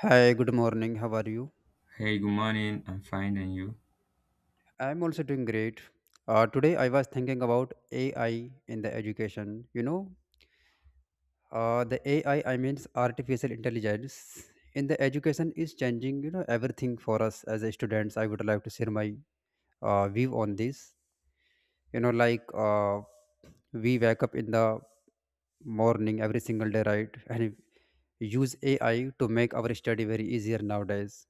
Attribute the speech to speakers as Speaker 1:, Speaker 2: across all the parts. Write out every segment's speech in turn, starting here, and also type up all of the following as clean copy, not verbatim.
Speaker 1: Hi, good morning. How are you?
Speaker 2: Hey, good morning. I'm fine, and you?
Speaker 1: I'm also doing great. Today I was thinking about AI in the education. The AI, I mean artificial intelligence in the education is changing, you know, everything for us as a students. I would like to share my view on this. You know, like uh, we wake up in the morning every single day, right? And use AI to make our study very easier nowadays.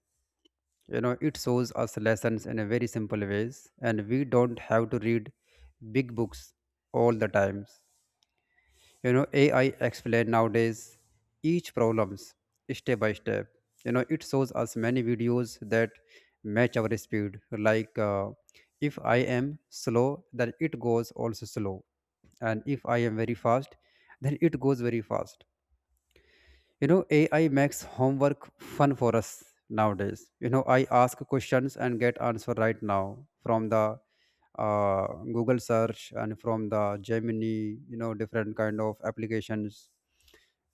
Speaker 1: You know, it shows us lessons in a very simple ways, and we don't have to read big books all the times. You know, AI explain nowadays each problems step by step. You know, it shows us many videos that match our speed. like uh, if I am slow, then it goes also slow, and if I am very fast, then it goes very fast. You know, AI makes homework fun for us nowadays. You know, I ask questions and get answer right now from the uh, Google search and from the Gemini, you know, different kind of applications.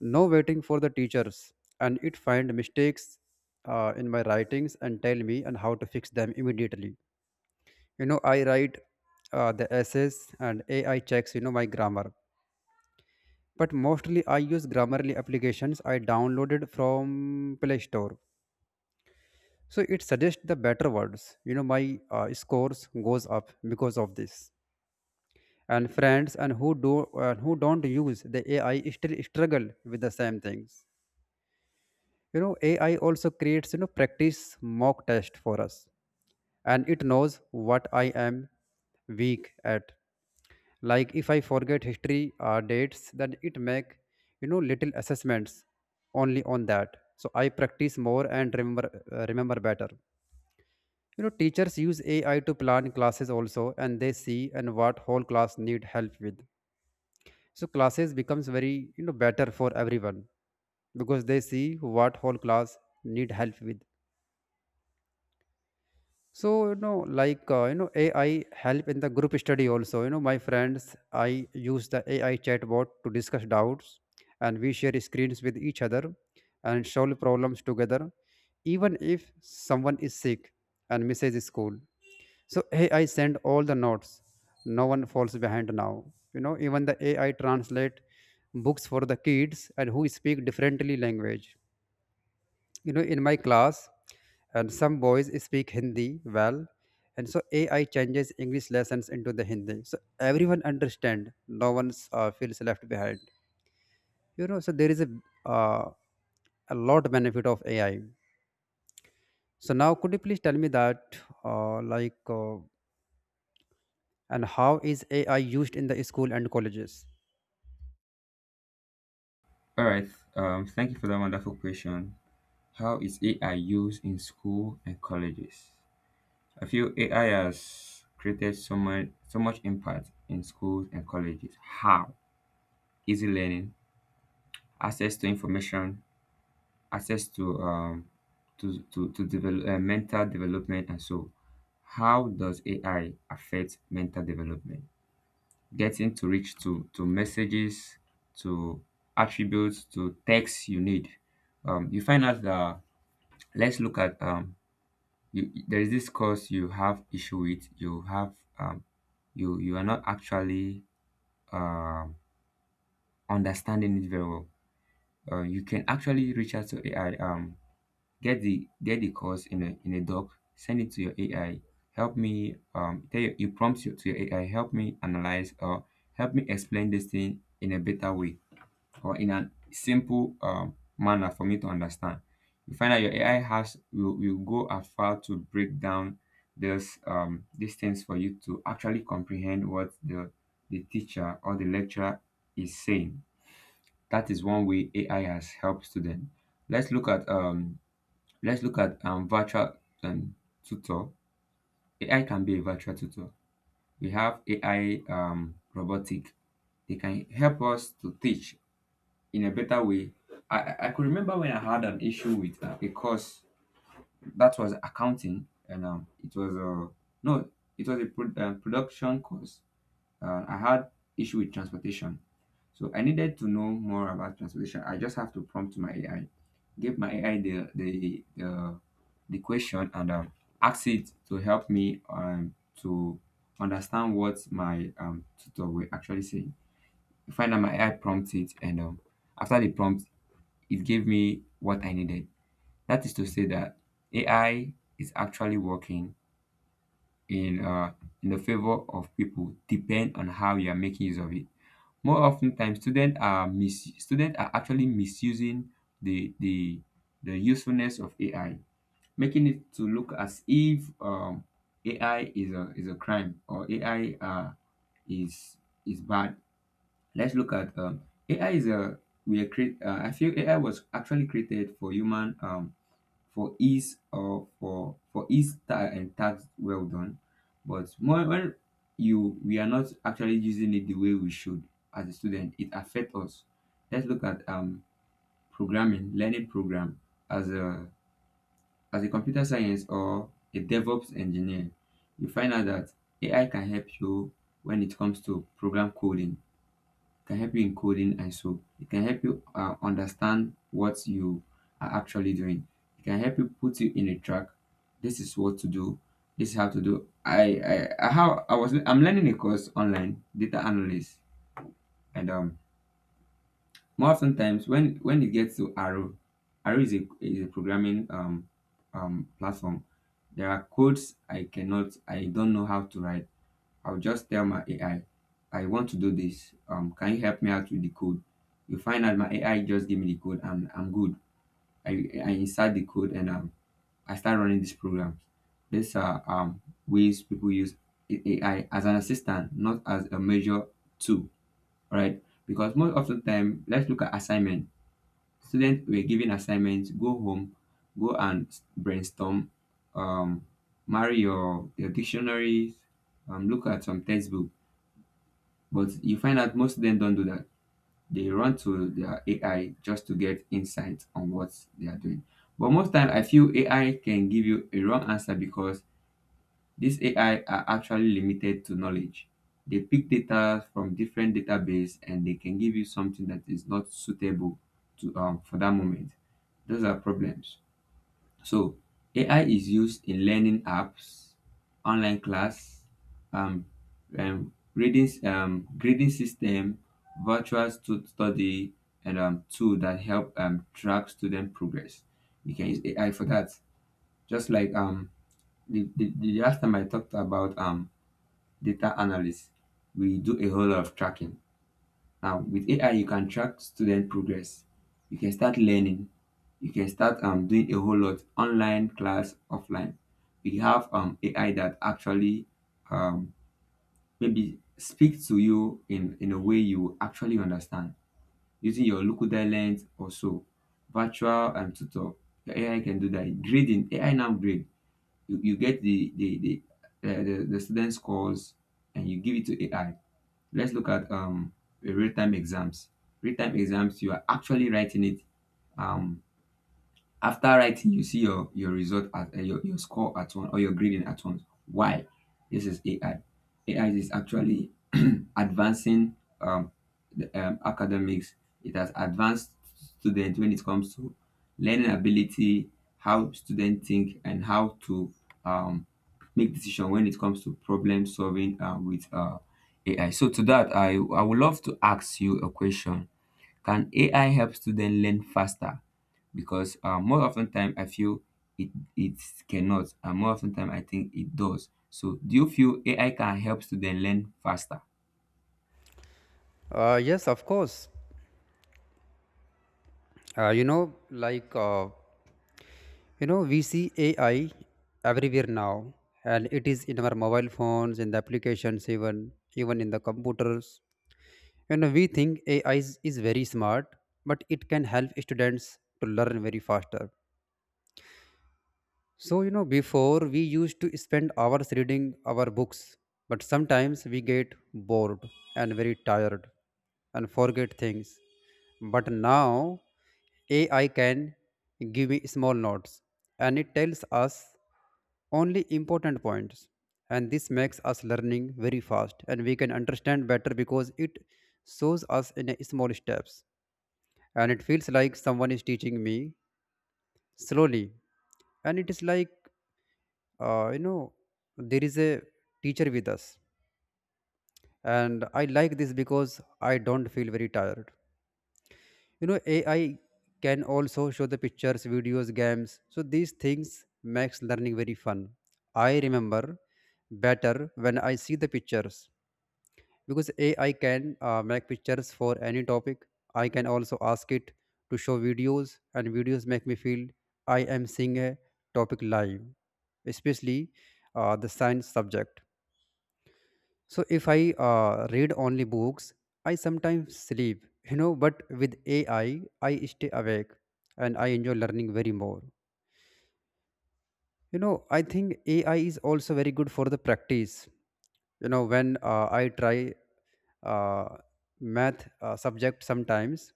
Speaker 1: No waiting for the teachers. And it find mistakes in my writings and tell me and how to fix them immediately. You know, I write the essays, and AI checks, you know, my grammar. But mostly I use Grammarly applications I downloaded from Play Store. So it suggests the better words. You know, my scores goes up because of this. And friends and who do who don't use the AI still struggle with the same things. You know, AI also creates, you know, practice mock test for us, and it knows what I am weak at. Like if I forget history dates, then it make, you know, little assessments only on that. So I practice more and remember better. You know, teachers use AI to plan classes also, and they see and what whole class need help with. So classes becomes very, you know, better for everyone because they see what whole class need help with. AI help in the group study also. You know, my friends, I use the AI chatbot to discuss doubts, and we share screens with each other and solve problems together, even if someone is sick and misses school. So AI send all the notes. No one falls behind now. You know, even the AI translate books for the kids and who speak differently language. You know, in my class, and some boys speak Hindi well, and so AI changes English lessons into the Hindi. So everyone understand. No one feels left behind. You know, so there is uh, a lot benefit of AI. So now, could you please tell me that, like, And how is AI used in the school and colleges?
Speaker 2: All right. Thank you for that wonderful question. How is AI used in school and colleges? I feel AI has created so much impact in schools and colleges. How? Easy learning, access to information, access to develop mental development, and so. How does AI affect mental development? Getting to reach to messages, to attributes, to text you need. You find out that let's look at you, there is this course you have issue with. You have you are not actually um, understanding it very well. You can actually reach out to AI. Get the course in a doc. Send it to your AI. Help me, tell you you prompt you to your AI. Help me analyze, or help me explain this thing in a better way, or in a simple manner for me to understand. You find that your AI will go as far to break down this these things for you to actually comprehend what the teacher or the lecturer is saying. That is one way AI has helped students. Let's look at um let's look at virtual um, tutor. AI can be a virtual tutor. We have AI robotic. They can help us to teach in a better way. I could remember when I had an issue with a course that was accounting, and it was a, no, it was a production course. I had issue with transportation, so I needed to know more about transportation. I just have to prompt my AI, give my AI the question, and ask it to help me, to understand what my tutor will actually saying. I find that my AI prompts it, and after the prompt, it gave me what I needed. That is to say that AI is actually working in uh, in the favor of people, depend on how you are making use of it. More often times, students are actually misusing the the the usefulness of AI, making it to look as if, AI is a crime, or AI is is bad. Let's look at, AI is a, we are create. I feel AI was actually created for human, for ease, or for and tags well done, but more when you we are not actually using it the way we should. As a student, it affects us. Let's look at programming, learning program. As a, computer science or a DevOps engineer, you find out that AI can help you when it comes to program coding. Can help you in coding ISO. It can help you, understand what you are actually doing. It can help you, put you in a track. This is what to do. This is how to do. I how I was I'm learning a course online, data analyst, and more often times, when it gets to Arrow. Arrow is a programming platform. There are codes I don't know how to write. I'll just tell my AI, I want to do this. Can you help me out with the code? You find out my AI just give me the code, and I'm good. I, I insert the code, and I start running these programs. These are, ways people use AI as an assistant, not as a major tool, right? Because most of the time, let's look at assignment. Students were given assignments, go home, go and brainstorm, um, marry your dictionaries, look at some textbooks, but you find out most of them don't do that. They run to their AI just to get insight on what they are doing. But most time, I feel AI can give you a wrong answer, because these AI are actually limited to knowledge. They pick data from different database, and they can give you something that is not suitable to for that moment. Those are problems. So AI is used in learning apps, online class, um, reading, grading system, study, and tool that help track student progress. You can use AI for that. Just like, the last time I talked about data analysis, we do a whole lot of tracking, with AI you can track student progress, you can start learning, you can start doing a whole lot online class, offline. We have AI that actually, um, maybe speak to you in a way you actually understand, using your locuda lens or so. Virtual tutor, your AI can do that. Grading AI now grade. You get the student scores and you give it to AI. Let's look at real-time exams. Real-time exams, you are actually writing it. um After writing, you see your result at, your score at one, or your grading at once. Why? This is AI. AI is actually advancing, the, academics. It has advanced students when it comes to learning ability, how students think, and how to, um, make decision when it comes to problem solving, with AI. So to that, I would love to ask you a question. Can AI help students learn faster? Because more often time I feel it it cannot, and more often time I think it does. So, do you feel AI can help students learn faster?
Speaker 1: Yes, of course. Uh, you know, like, uh, we see AI everywhere now, and it is in our mobile phones, in the applications, even in the computers. You know, we think AI is very smart, but it can help students to learn very faster. So, you know, before we used to spend hours reading our books, but sometimes we get bored and very tired and forget things. But now AI can give me small notes, and it tells us only important points. And this makes us learning very fast, and we can understand better because it shows us in a small steps. And it feels like someone is teaching me slowly. And it is like, uh, you know there is a teacher with us, and I like this because I don't feel very tired. You know, AI can also show the pictures, videos, games, so these things makes learning very fun. I remember better when I see the pictures, because AI can make pictures for any topic. I can also ask it to show videos, and videos make me feel I am seeing a topic live, especially the science subject. So if I read only books, I sometimes sleep, you know, but with AI, I stay awake and I enjoy learning very more. You know, I think AI is also very good for the practice. You know, when I try uh, math subject sometimes,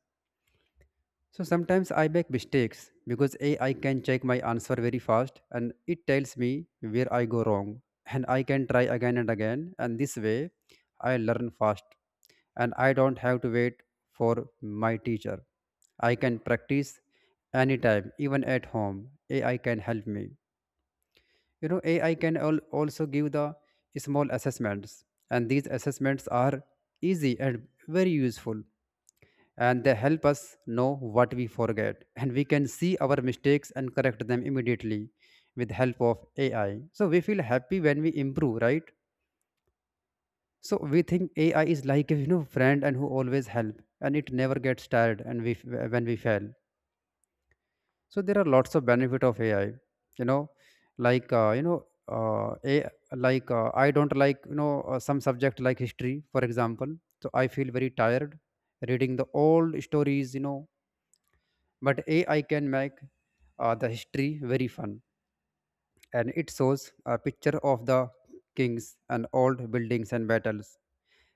Speaker 1: so sometimes I make mistakes because AI can check my answer very fast, and it tells me where I go wrong. And I can try again and again. And this way I learn fast, and I don't have to wait for my teacher. I can practice anytime, even at home. AI can help me. You know, AI can also give the small assessments, and these assessments are easy and very useful, and they help us know what we forget, and we can see our mistakes and correct them immediately with help of AI. So we feel happy when we improve, right? So we think AI is like a, you know, friend and who always help, and it never gets tired, and we when we fail. So there are lots of benefit of AI. You know, like you know a, like I don't like, some subject like history, for example. So I feel very tired reading the old stories, you know, but AI can make the history very fun, and it shows a picture of the kings and old buildings and battles,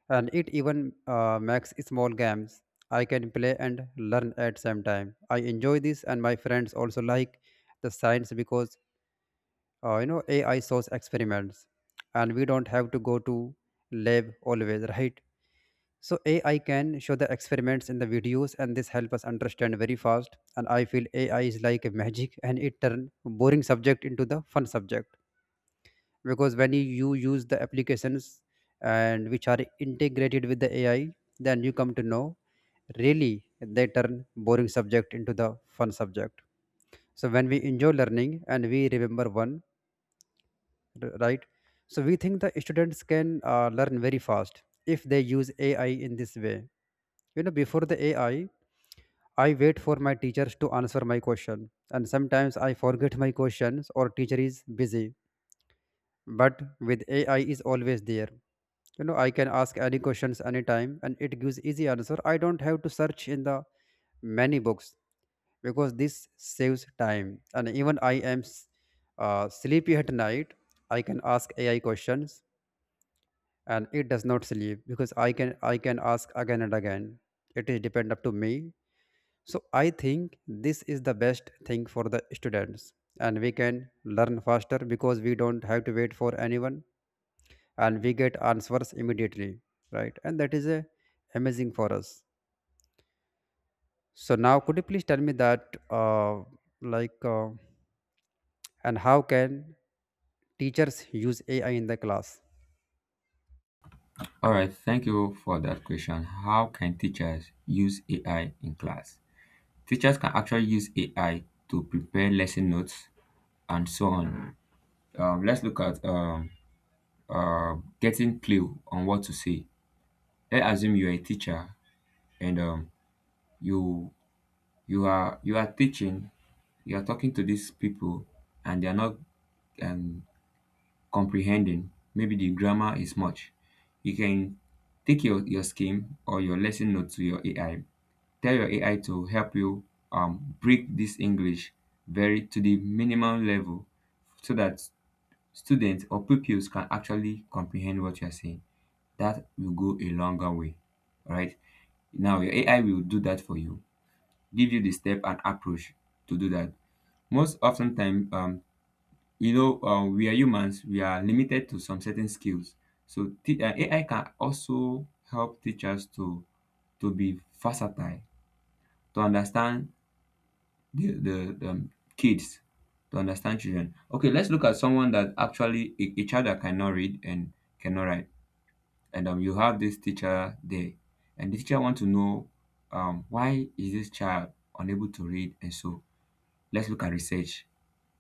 Speaker 1: and it even makes small games I can play and learn at same time. I enjoy this, and my friends also like the science because, you know, AI shows experiments, and we don't have to go to lab always, right? So AI can show the experiments in the videos, and this help us understand very fast. And I feel AI is like a magic, and it turn boring subject into the fun subject. Because when you use the applications and which are integrated with the AI, then you come to know really they turn boring subject into the fun subject. So when we enjoy learning, and we remember one, right? So we think the students can learn very fast if they use AI in this way. You know, before the AI, I wait for my teachers to answer my question, and sometimes I forget my questions or teacher is busy. But with AI is always there. You know, I can ask any questions anytime, and it gives easy answer. I don't have to search in the many books because this saves time. And even I am sleepy at night, I can ask AI questions, and it does not sleep because I can ask again and again. It is depend up to me. So I think this is the best thing for the students, and we can learn faster because we don't have to wait for anyone, and we get answers immediately, right? And that is a amazing for us. So now could you please tell me that like and how can teachers use AI in the class?
Speaker 2: All right, thank you for that question. How can teachers use AI in class? Teachers can actually use AI to prepare lesson notes and so on. Let's look at, getting clue on what to say. Let's assume you're a teacher and, you you are teaching, you are talking to these people and they're not, um, comprehending. Maybe the grammar is much. You can take your scheme or your lesson note to your AI. Tell your AI to help you, break this English very to the minimum level, so that students or pupils can actually comprehend what you're saying. That will go a longer way. All right, now your AI will do that for you, give you the step and approach to do that. Most often time, we are humans, we are limited to some certain skills. So AI can also help teachers to be versatile, to understand the kids, to understand children. Okay, let's look at someone that actually, a child that cannot read and cannot write. And you have this teacher there, and the teacher want to know, why is this child unable to read? And so, let's look at research.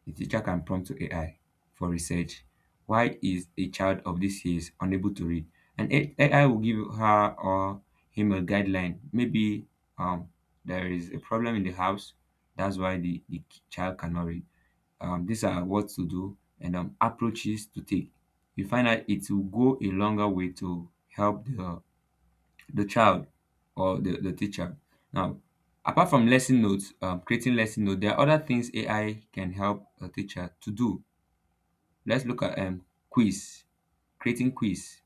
Speaker 2: The teacher can prompt to AI for research. Why is a child of this age unable to read? And AI will give her or him a guideline. Maybe um, there is a problem in the house. That's why the child cannot read. These are what to do, and approaches to take. You find that it will go a longer way to help the child or the teacher. Now, apart from lesson notes, creating lesson notes, there are other things AI can help a teacher to do. Let's look at quiz, creating quiz.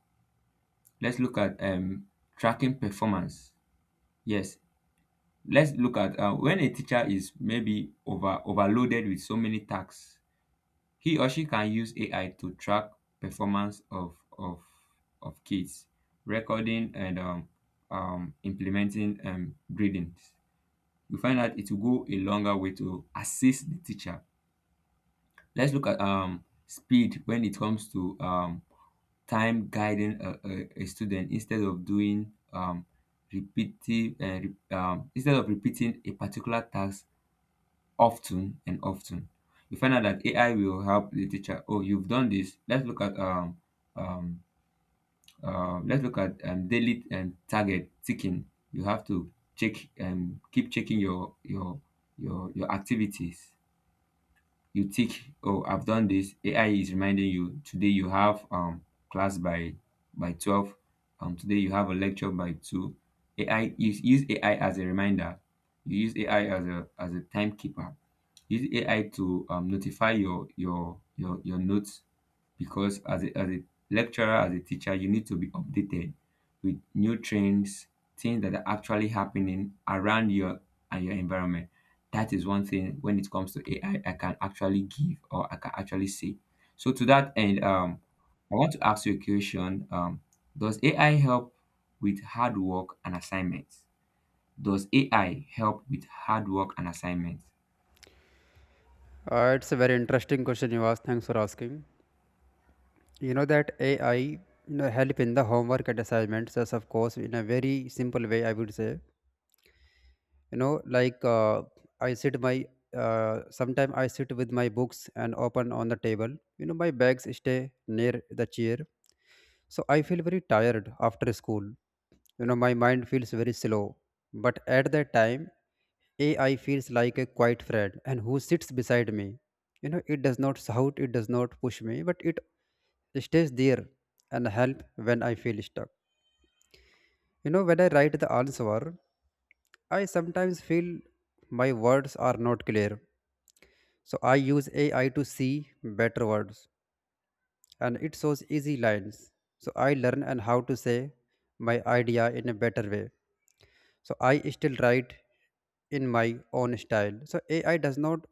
Speaker 2: Let's look at tracking performance. Yes, let's look at, when a teacher is maybe overloaded with so many tasks, he or she can use AI to track performance of kids, recording, and implementing gradings. We find out it will go a longer way to assist the teacher. Let's look at speed when it comes to, time guiding a student, instead of doing, instead of repeating a particular task often and often. You find out that AI will help the teacher. Oh, you've done this. Um, let's look at daily and target ticking. You have to check and keep checking your activities. You think, oh, I've done this. AI is reminding you, today you have class by 12. Today you have a lecture by 2. AI, you use AI as a reminder. You use AI as a timekeeper. Use AI to notify your notes, because as a lecturer, as a teacher, you need to be updated with new trends, things that are actually happening around your and your environment. That is one thing when it comes to AI I can actually give, or I can actually say. So to that end, I want to ask you a question. Does AI help with hard work and assignments? Does AI help with hard work and assignments?
Speaker 1: It's a very interesting question you asked. Thanks for asking. You know that AI, you know, help in the homework and assignments. Yes, of course, in a very simple way, I would say, you know like uh, I sit my sometime I sit with my books and open on the table. You know, my bags stay near the chair. So I feel very tired after school. You know, my mind feels very slow, but at that time AI feels like a quiet friend and who sits beside me. You know, it does not shout, it does not push me, but it stays there and help when I feel stuck. You know, when I write the answer, I sometimes feel my words are not clear. So I use AI to see better words, and it shows easy lines. So I learn and how to say my idea in a better way. So I still write in my own style. So AI does not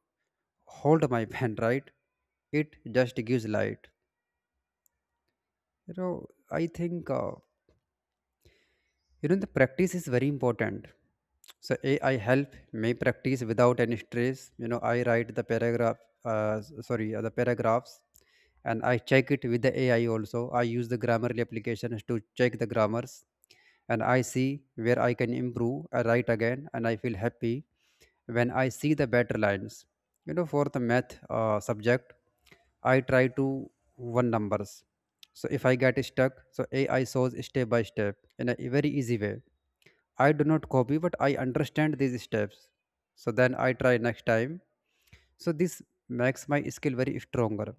Speaker 1: hold my pen, right? It just gives light. You know, I think uh, You know, the practice is very important. So AI help me practice without any stress. You know, I write the paragraph, the paragraphs, and I check it with the AI also. I use the Grammarly applications to check the grammars, and I see where I can improve. I write again, and I feel happy when I see the better lines. You know, for the math subject. I try to one numbers. So if I get stuck, so AI shows step by step in a very easy way. I do not copy, but I understand these steps. So then I try next time. So this makes my skill very stronger.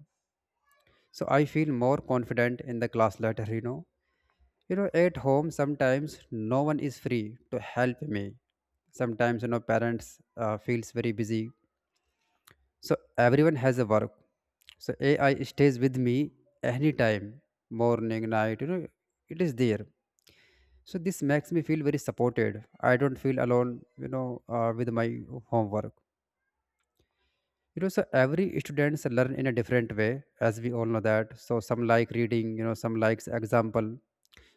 Speaker 1: So I feel more confident in the class later, you know. You know, at home sometimes no one is free to help me. Sometimes parents feels very busy. So everyone has a work. So AI stays with me anytime, morning, night, it is there. So this makes me feel very supported. I don't feel alone, with my homework. So every students learn in a different way, as we all know that. So some like reading, some likes example.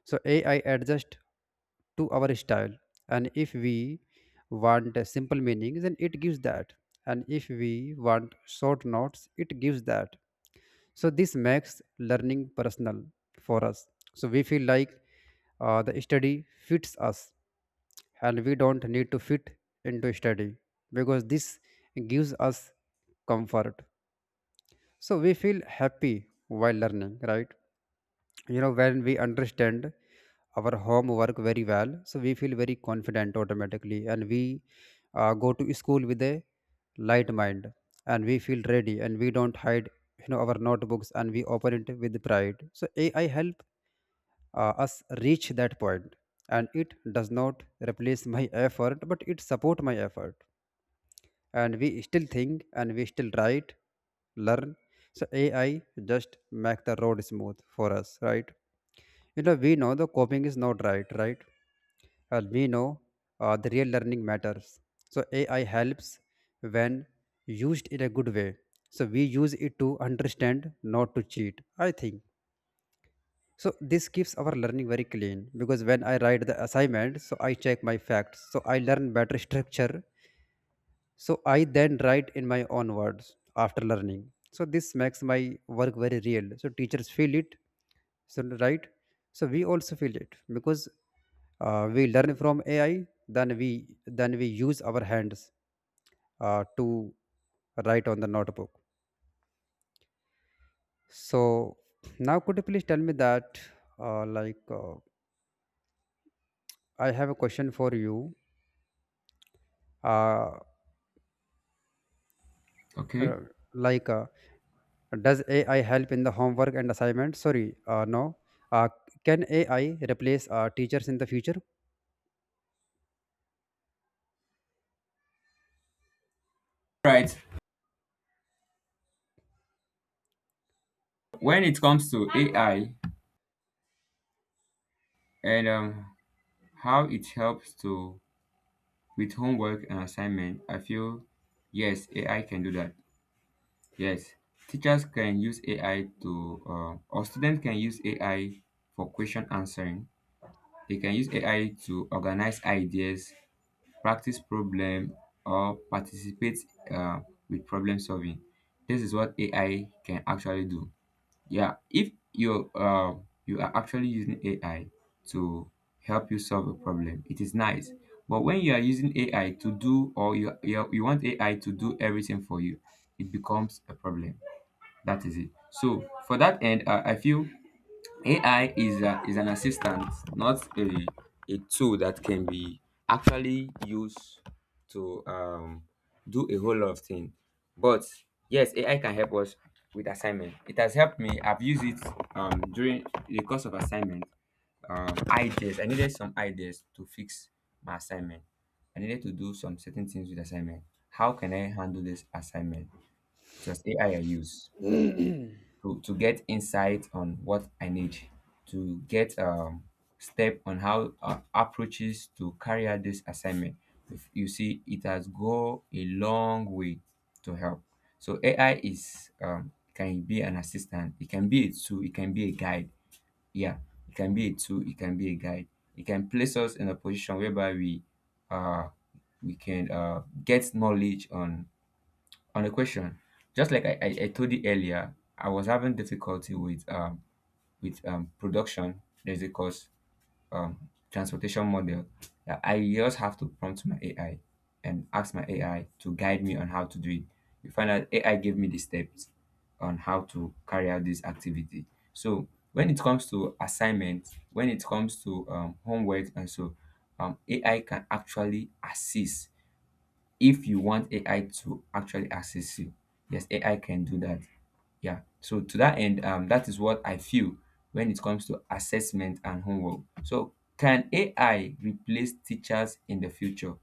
Speaker 1: So AI adjust to our style. And if we want a simple meaning, then it gives that. And if we want short notes, it gives that. So this makes learning personal for us. So we feel like the study fits us, and we don't need to fit into study because this gives us comfort. So we feel happy while learning, right? You know, when we understand our homework very well, so we feel very confident automatically, and we go to school with a light mind, and we feel ready, and we don't hide our notebooks, and we open it with pride. So AI help us reach that point, and it does not replace my effort, but it support my effort, and we still think, and we still write, learn. So AI just make the road smooth for us, right? We know the copying is not right, right? And we know the real learning matters. So AI helps when used in a good way. So we use it to understand, not to cheat. I think so. This keeps our learning very clean because when I write the assignment, so I check my facts. So I learn better structure, so I then write in my own words after learning. So this makes my work very real. So teachers feel it, so right? So we also feel it because we learn from AI. Then we use our hands to write on the notebook. So now, could you please tell me that uh, like uh, I have a question for you. Uh,
Speaker 2: Okay.
Speaker 1: uh, like uh, does AI help in the homework and assignment, sorry, no, uh, can AI replace teachers in the future?
Speaker 2: Right. When it comes to AI and how it helps to with homework and assignment, I feel yes, AI can do that. Yes, teachers can use AI to, or students can use AI for question answering. They can use AI to organize ideas, practice problem, or participate uh, with problem solving. This is what AI can actually do. Yeah, if you you are actually using AI to help you solve a problem, it is nice. But when you are using AI to do, or you want AI to do everything for you, it becomes a problem. That is it. So for that end, I feel AI is is an assistant, not a tool that can be actually used to do a whole lot of things. But yes, AI can help us with assignment. It has helped me. I've used it during the course of assignment. Ideas. I needed some ideas to fix my assignment. I needed to do some certain things with assignment. How can I handle this assignment? It was AI I used to get insight on what I need, to get step on how approaches to carry out this assignment. If you see, it has go a long way to help. So AI is can be an assistant, it can be a tool, it can be a guide. Yeah, it can be a tool, it can be a guide. It can place us in a position whereby uh, we can get knowledge on the question, just like I told you earlier, I was having difficulty with production. There's a course, transportation model, that I just have to prompt my AI and ask my AI to guide me on how to do it. You find out AI gave me the steps on how to carry out this activity. So when it comes to assignments, when it comes to homework and so, AI can actually assist if you want AI to actually assist you. Yes, AI can do that. Yeah. So to that end, that is what I feel when it comes to assessment and homework. So can AI replace teachers in the future?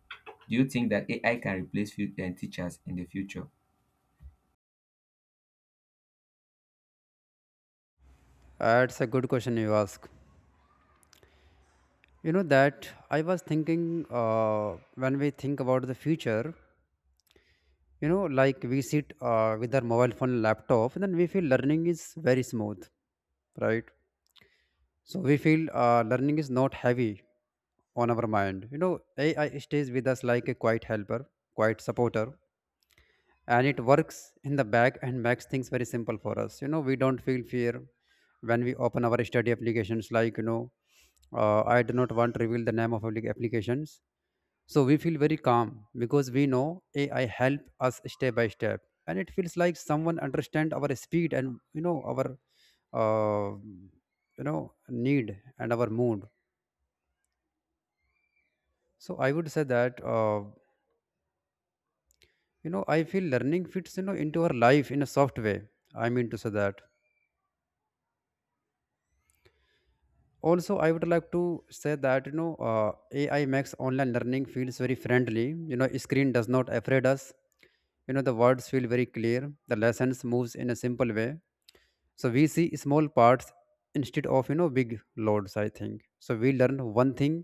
Speaker 2: Do you think that AI can replace teachers in the future?
Speaker 1: That's a good question you ask. You know that I was thinking, uh, when we think about the future, like we sit with our mobile phone, laptop, and then we feel learning is very smooth, right? So we feel learning is not heavy on our mind, you know. AI stays with us like a quiet helper, quiet supporter, and it works in the back and makes things very simple for us. You know, we don't feel fear when we open our study applications, like, I do not want to reveal the name of applications. So we feel very calm because we know AI help us step by step, and it feels like someone understand our speed and, you know, our uh, need and our mood. So I would say that I feel learning fits, you know, into our life in a soft way. I mean to say that Also, I would like to say that, AI makes online learning feels very friendly. You know, screen does not afraid us. You know, the words feel very clear. The lessons moves in a simple way. So we see small parts instead of, you know, big loads, I think. So we learn one thing,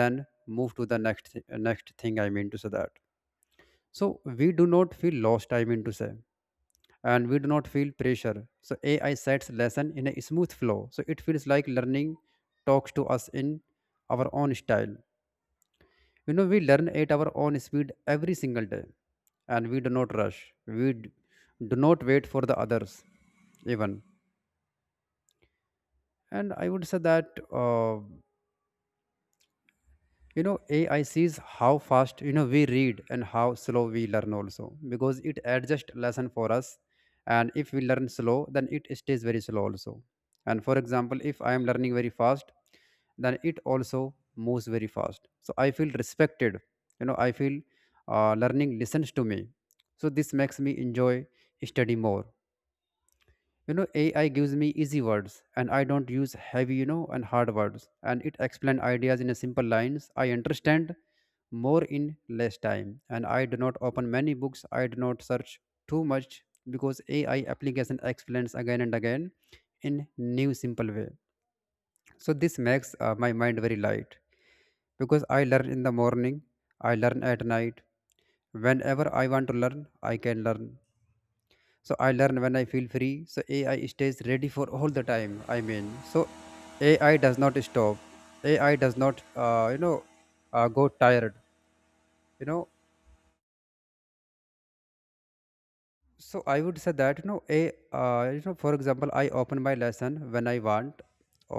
Speaker 1: then move to the next thing, I mean to say that so we do not feel lost, I mean to say and we do not feel pressure. So AI sets lesson in a smooth flow. So it feels like learning talks to us in our own style. You know, we learn at our own speed every single day, and we do not rush. Do not wait for the others, even. And I would say that. AI sees how fast, you know, we read and how slow we learn also, because it adjusts lesson for us. And if we learn slow, then it stays very slow also. And for example, if I am learning very fast, then it also moves very fast. So I feel respected. You know, I feel learning listens to me. So this makes me enjoy study more. You know, AI gives me easy words, and I don't use heavy, you know, and hard words. And it explains ideas in a simple lines. I understand more in less time, and I do not open many books. I do not search too much because AI application explains again and again in new simple way. So this makes my mind very light because I learn in the morning, I learn at night. Whenever I want to learn, I can learn. So I learn when I feel free. So AI stays ready for all the time, I mean. So AI does not stop. AI does not go tired, you know. So I would say that, you know a you know for example, I open my lesson when I want,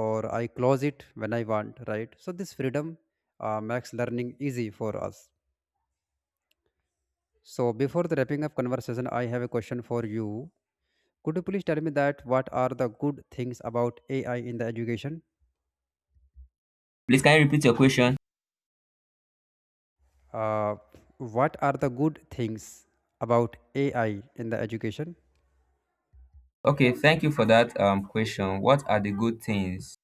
Speaker 1: or I close it when I want, right? So this freedom makes learning easy for us. So before the wrapping up conversation, I have a question for you. Could you please tell me that what are the good things about AI in the education?
Speaker 2: Please, can you repeat your question?
Speaker 1: Uh, what are the good things about AI in the education?
Speaker 2: Okay, thank you for that question. What are the good things?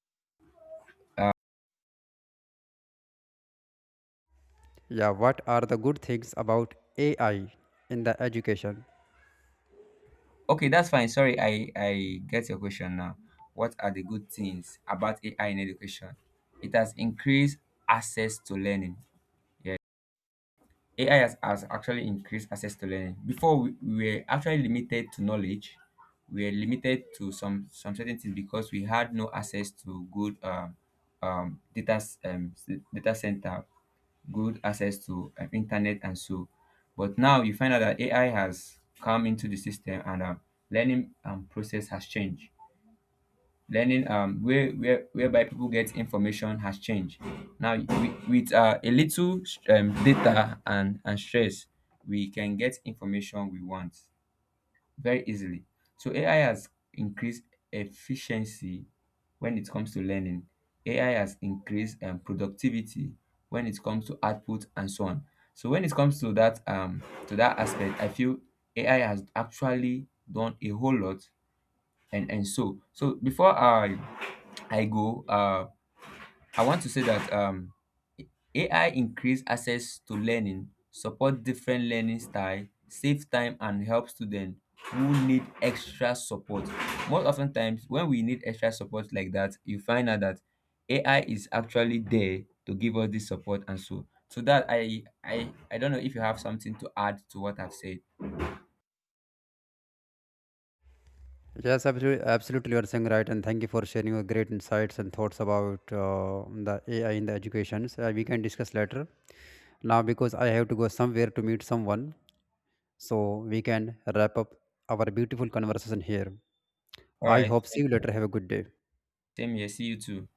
Speaker 1: Yeah, what are the good things about AI in the education?
Speaker 2: Okay, that's fine. Sorry, I get your question now. What are the good things about AI in education? It has increased access to learning. AI has actually increased access to learning. Before we were actually limited to knowledge. We were limited to some certain things because we had no access to good data center, good access to internet and so. But now you find out that AI has come into the system, and learning process has changed, learning whereby people get information has changed. Now with, a little data and stress, we can get information we want very easily. So AI has increased efficiency when it comes to learning. AI has increased productivity when it comes to output and so on. So when it comes to that, to that aspect, I feel AI has actually done a whole lot. And so so Before I go. I want to say that AI increase access to learning, support different learning style, save time and help students who need extra support. Most often times, when we need extra support like that, you find out that AI is actually there to give us this support and so. So that I don't know if you have something to add to what I've said.
Speaker 1: Yes, absolutely, absolutely, you are saying right, and thank you for sharing your great insights and thoughts about the AI in the education. So, we can discuss later. Now, because I have to go somewhere to meet someone, so we can wrap up our beautiful conversation here.
Speaker 2: All
Speaker 1: I
Speaker 2: right,
Speaker 1: hope see
Speaker 2: thank
Speaker 1: you
Speaker 2: you.
Speaker 1: later. Have a good day.
Speaker 2: Same here. See you too.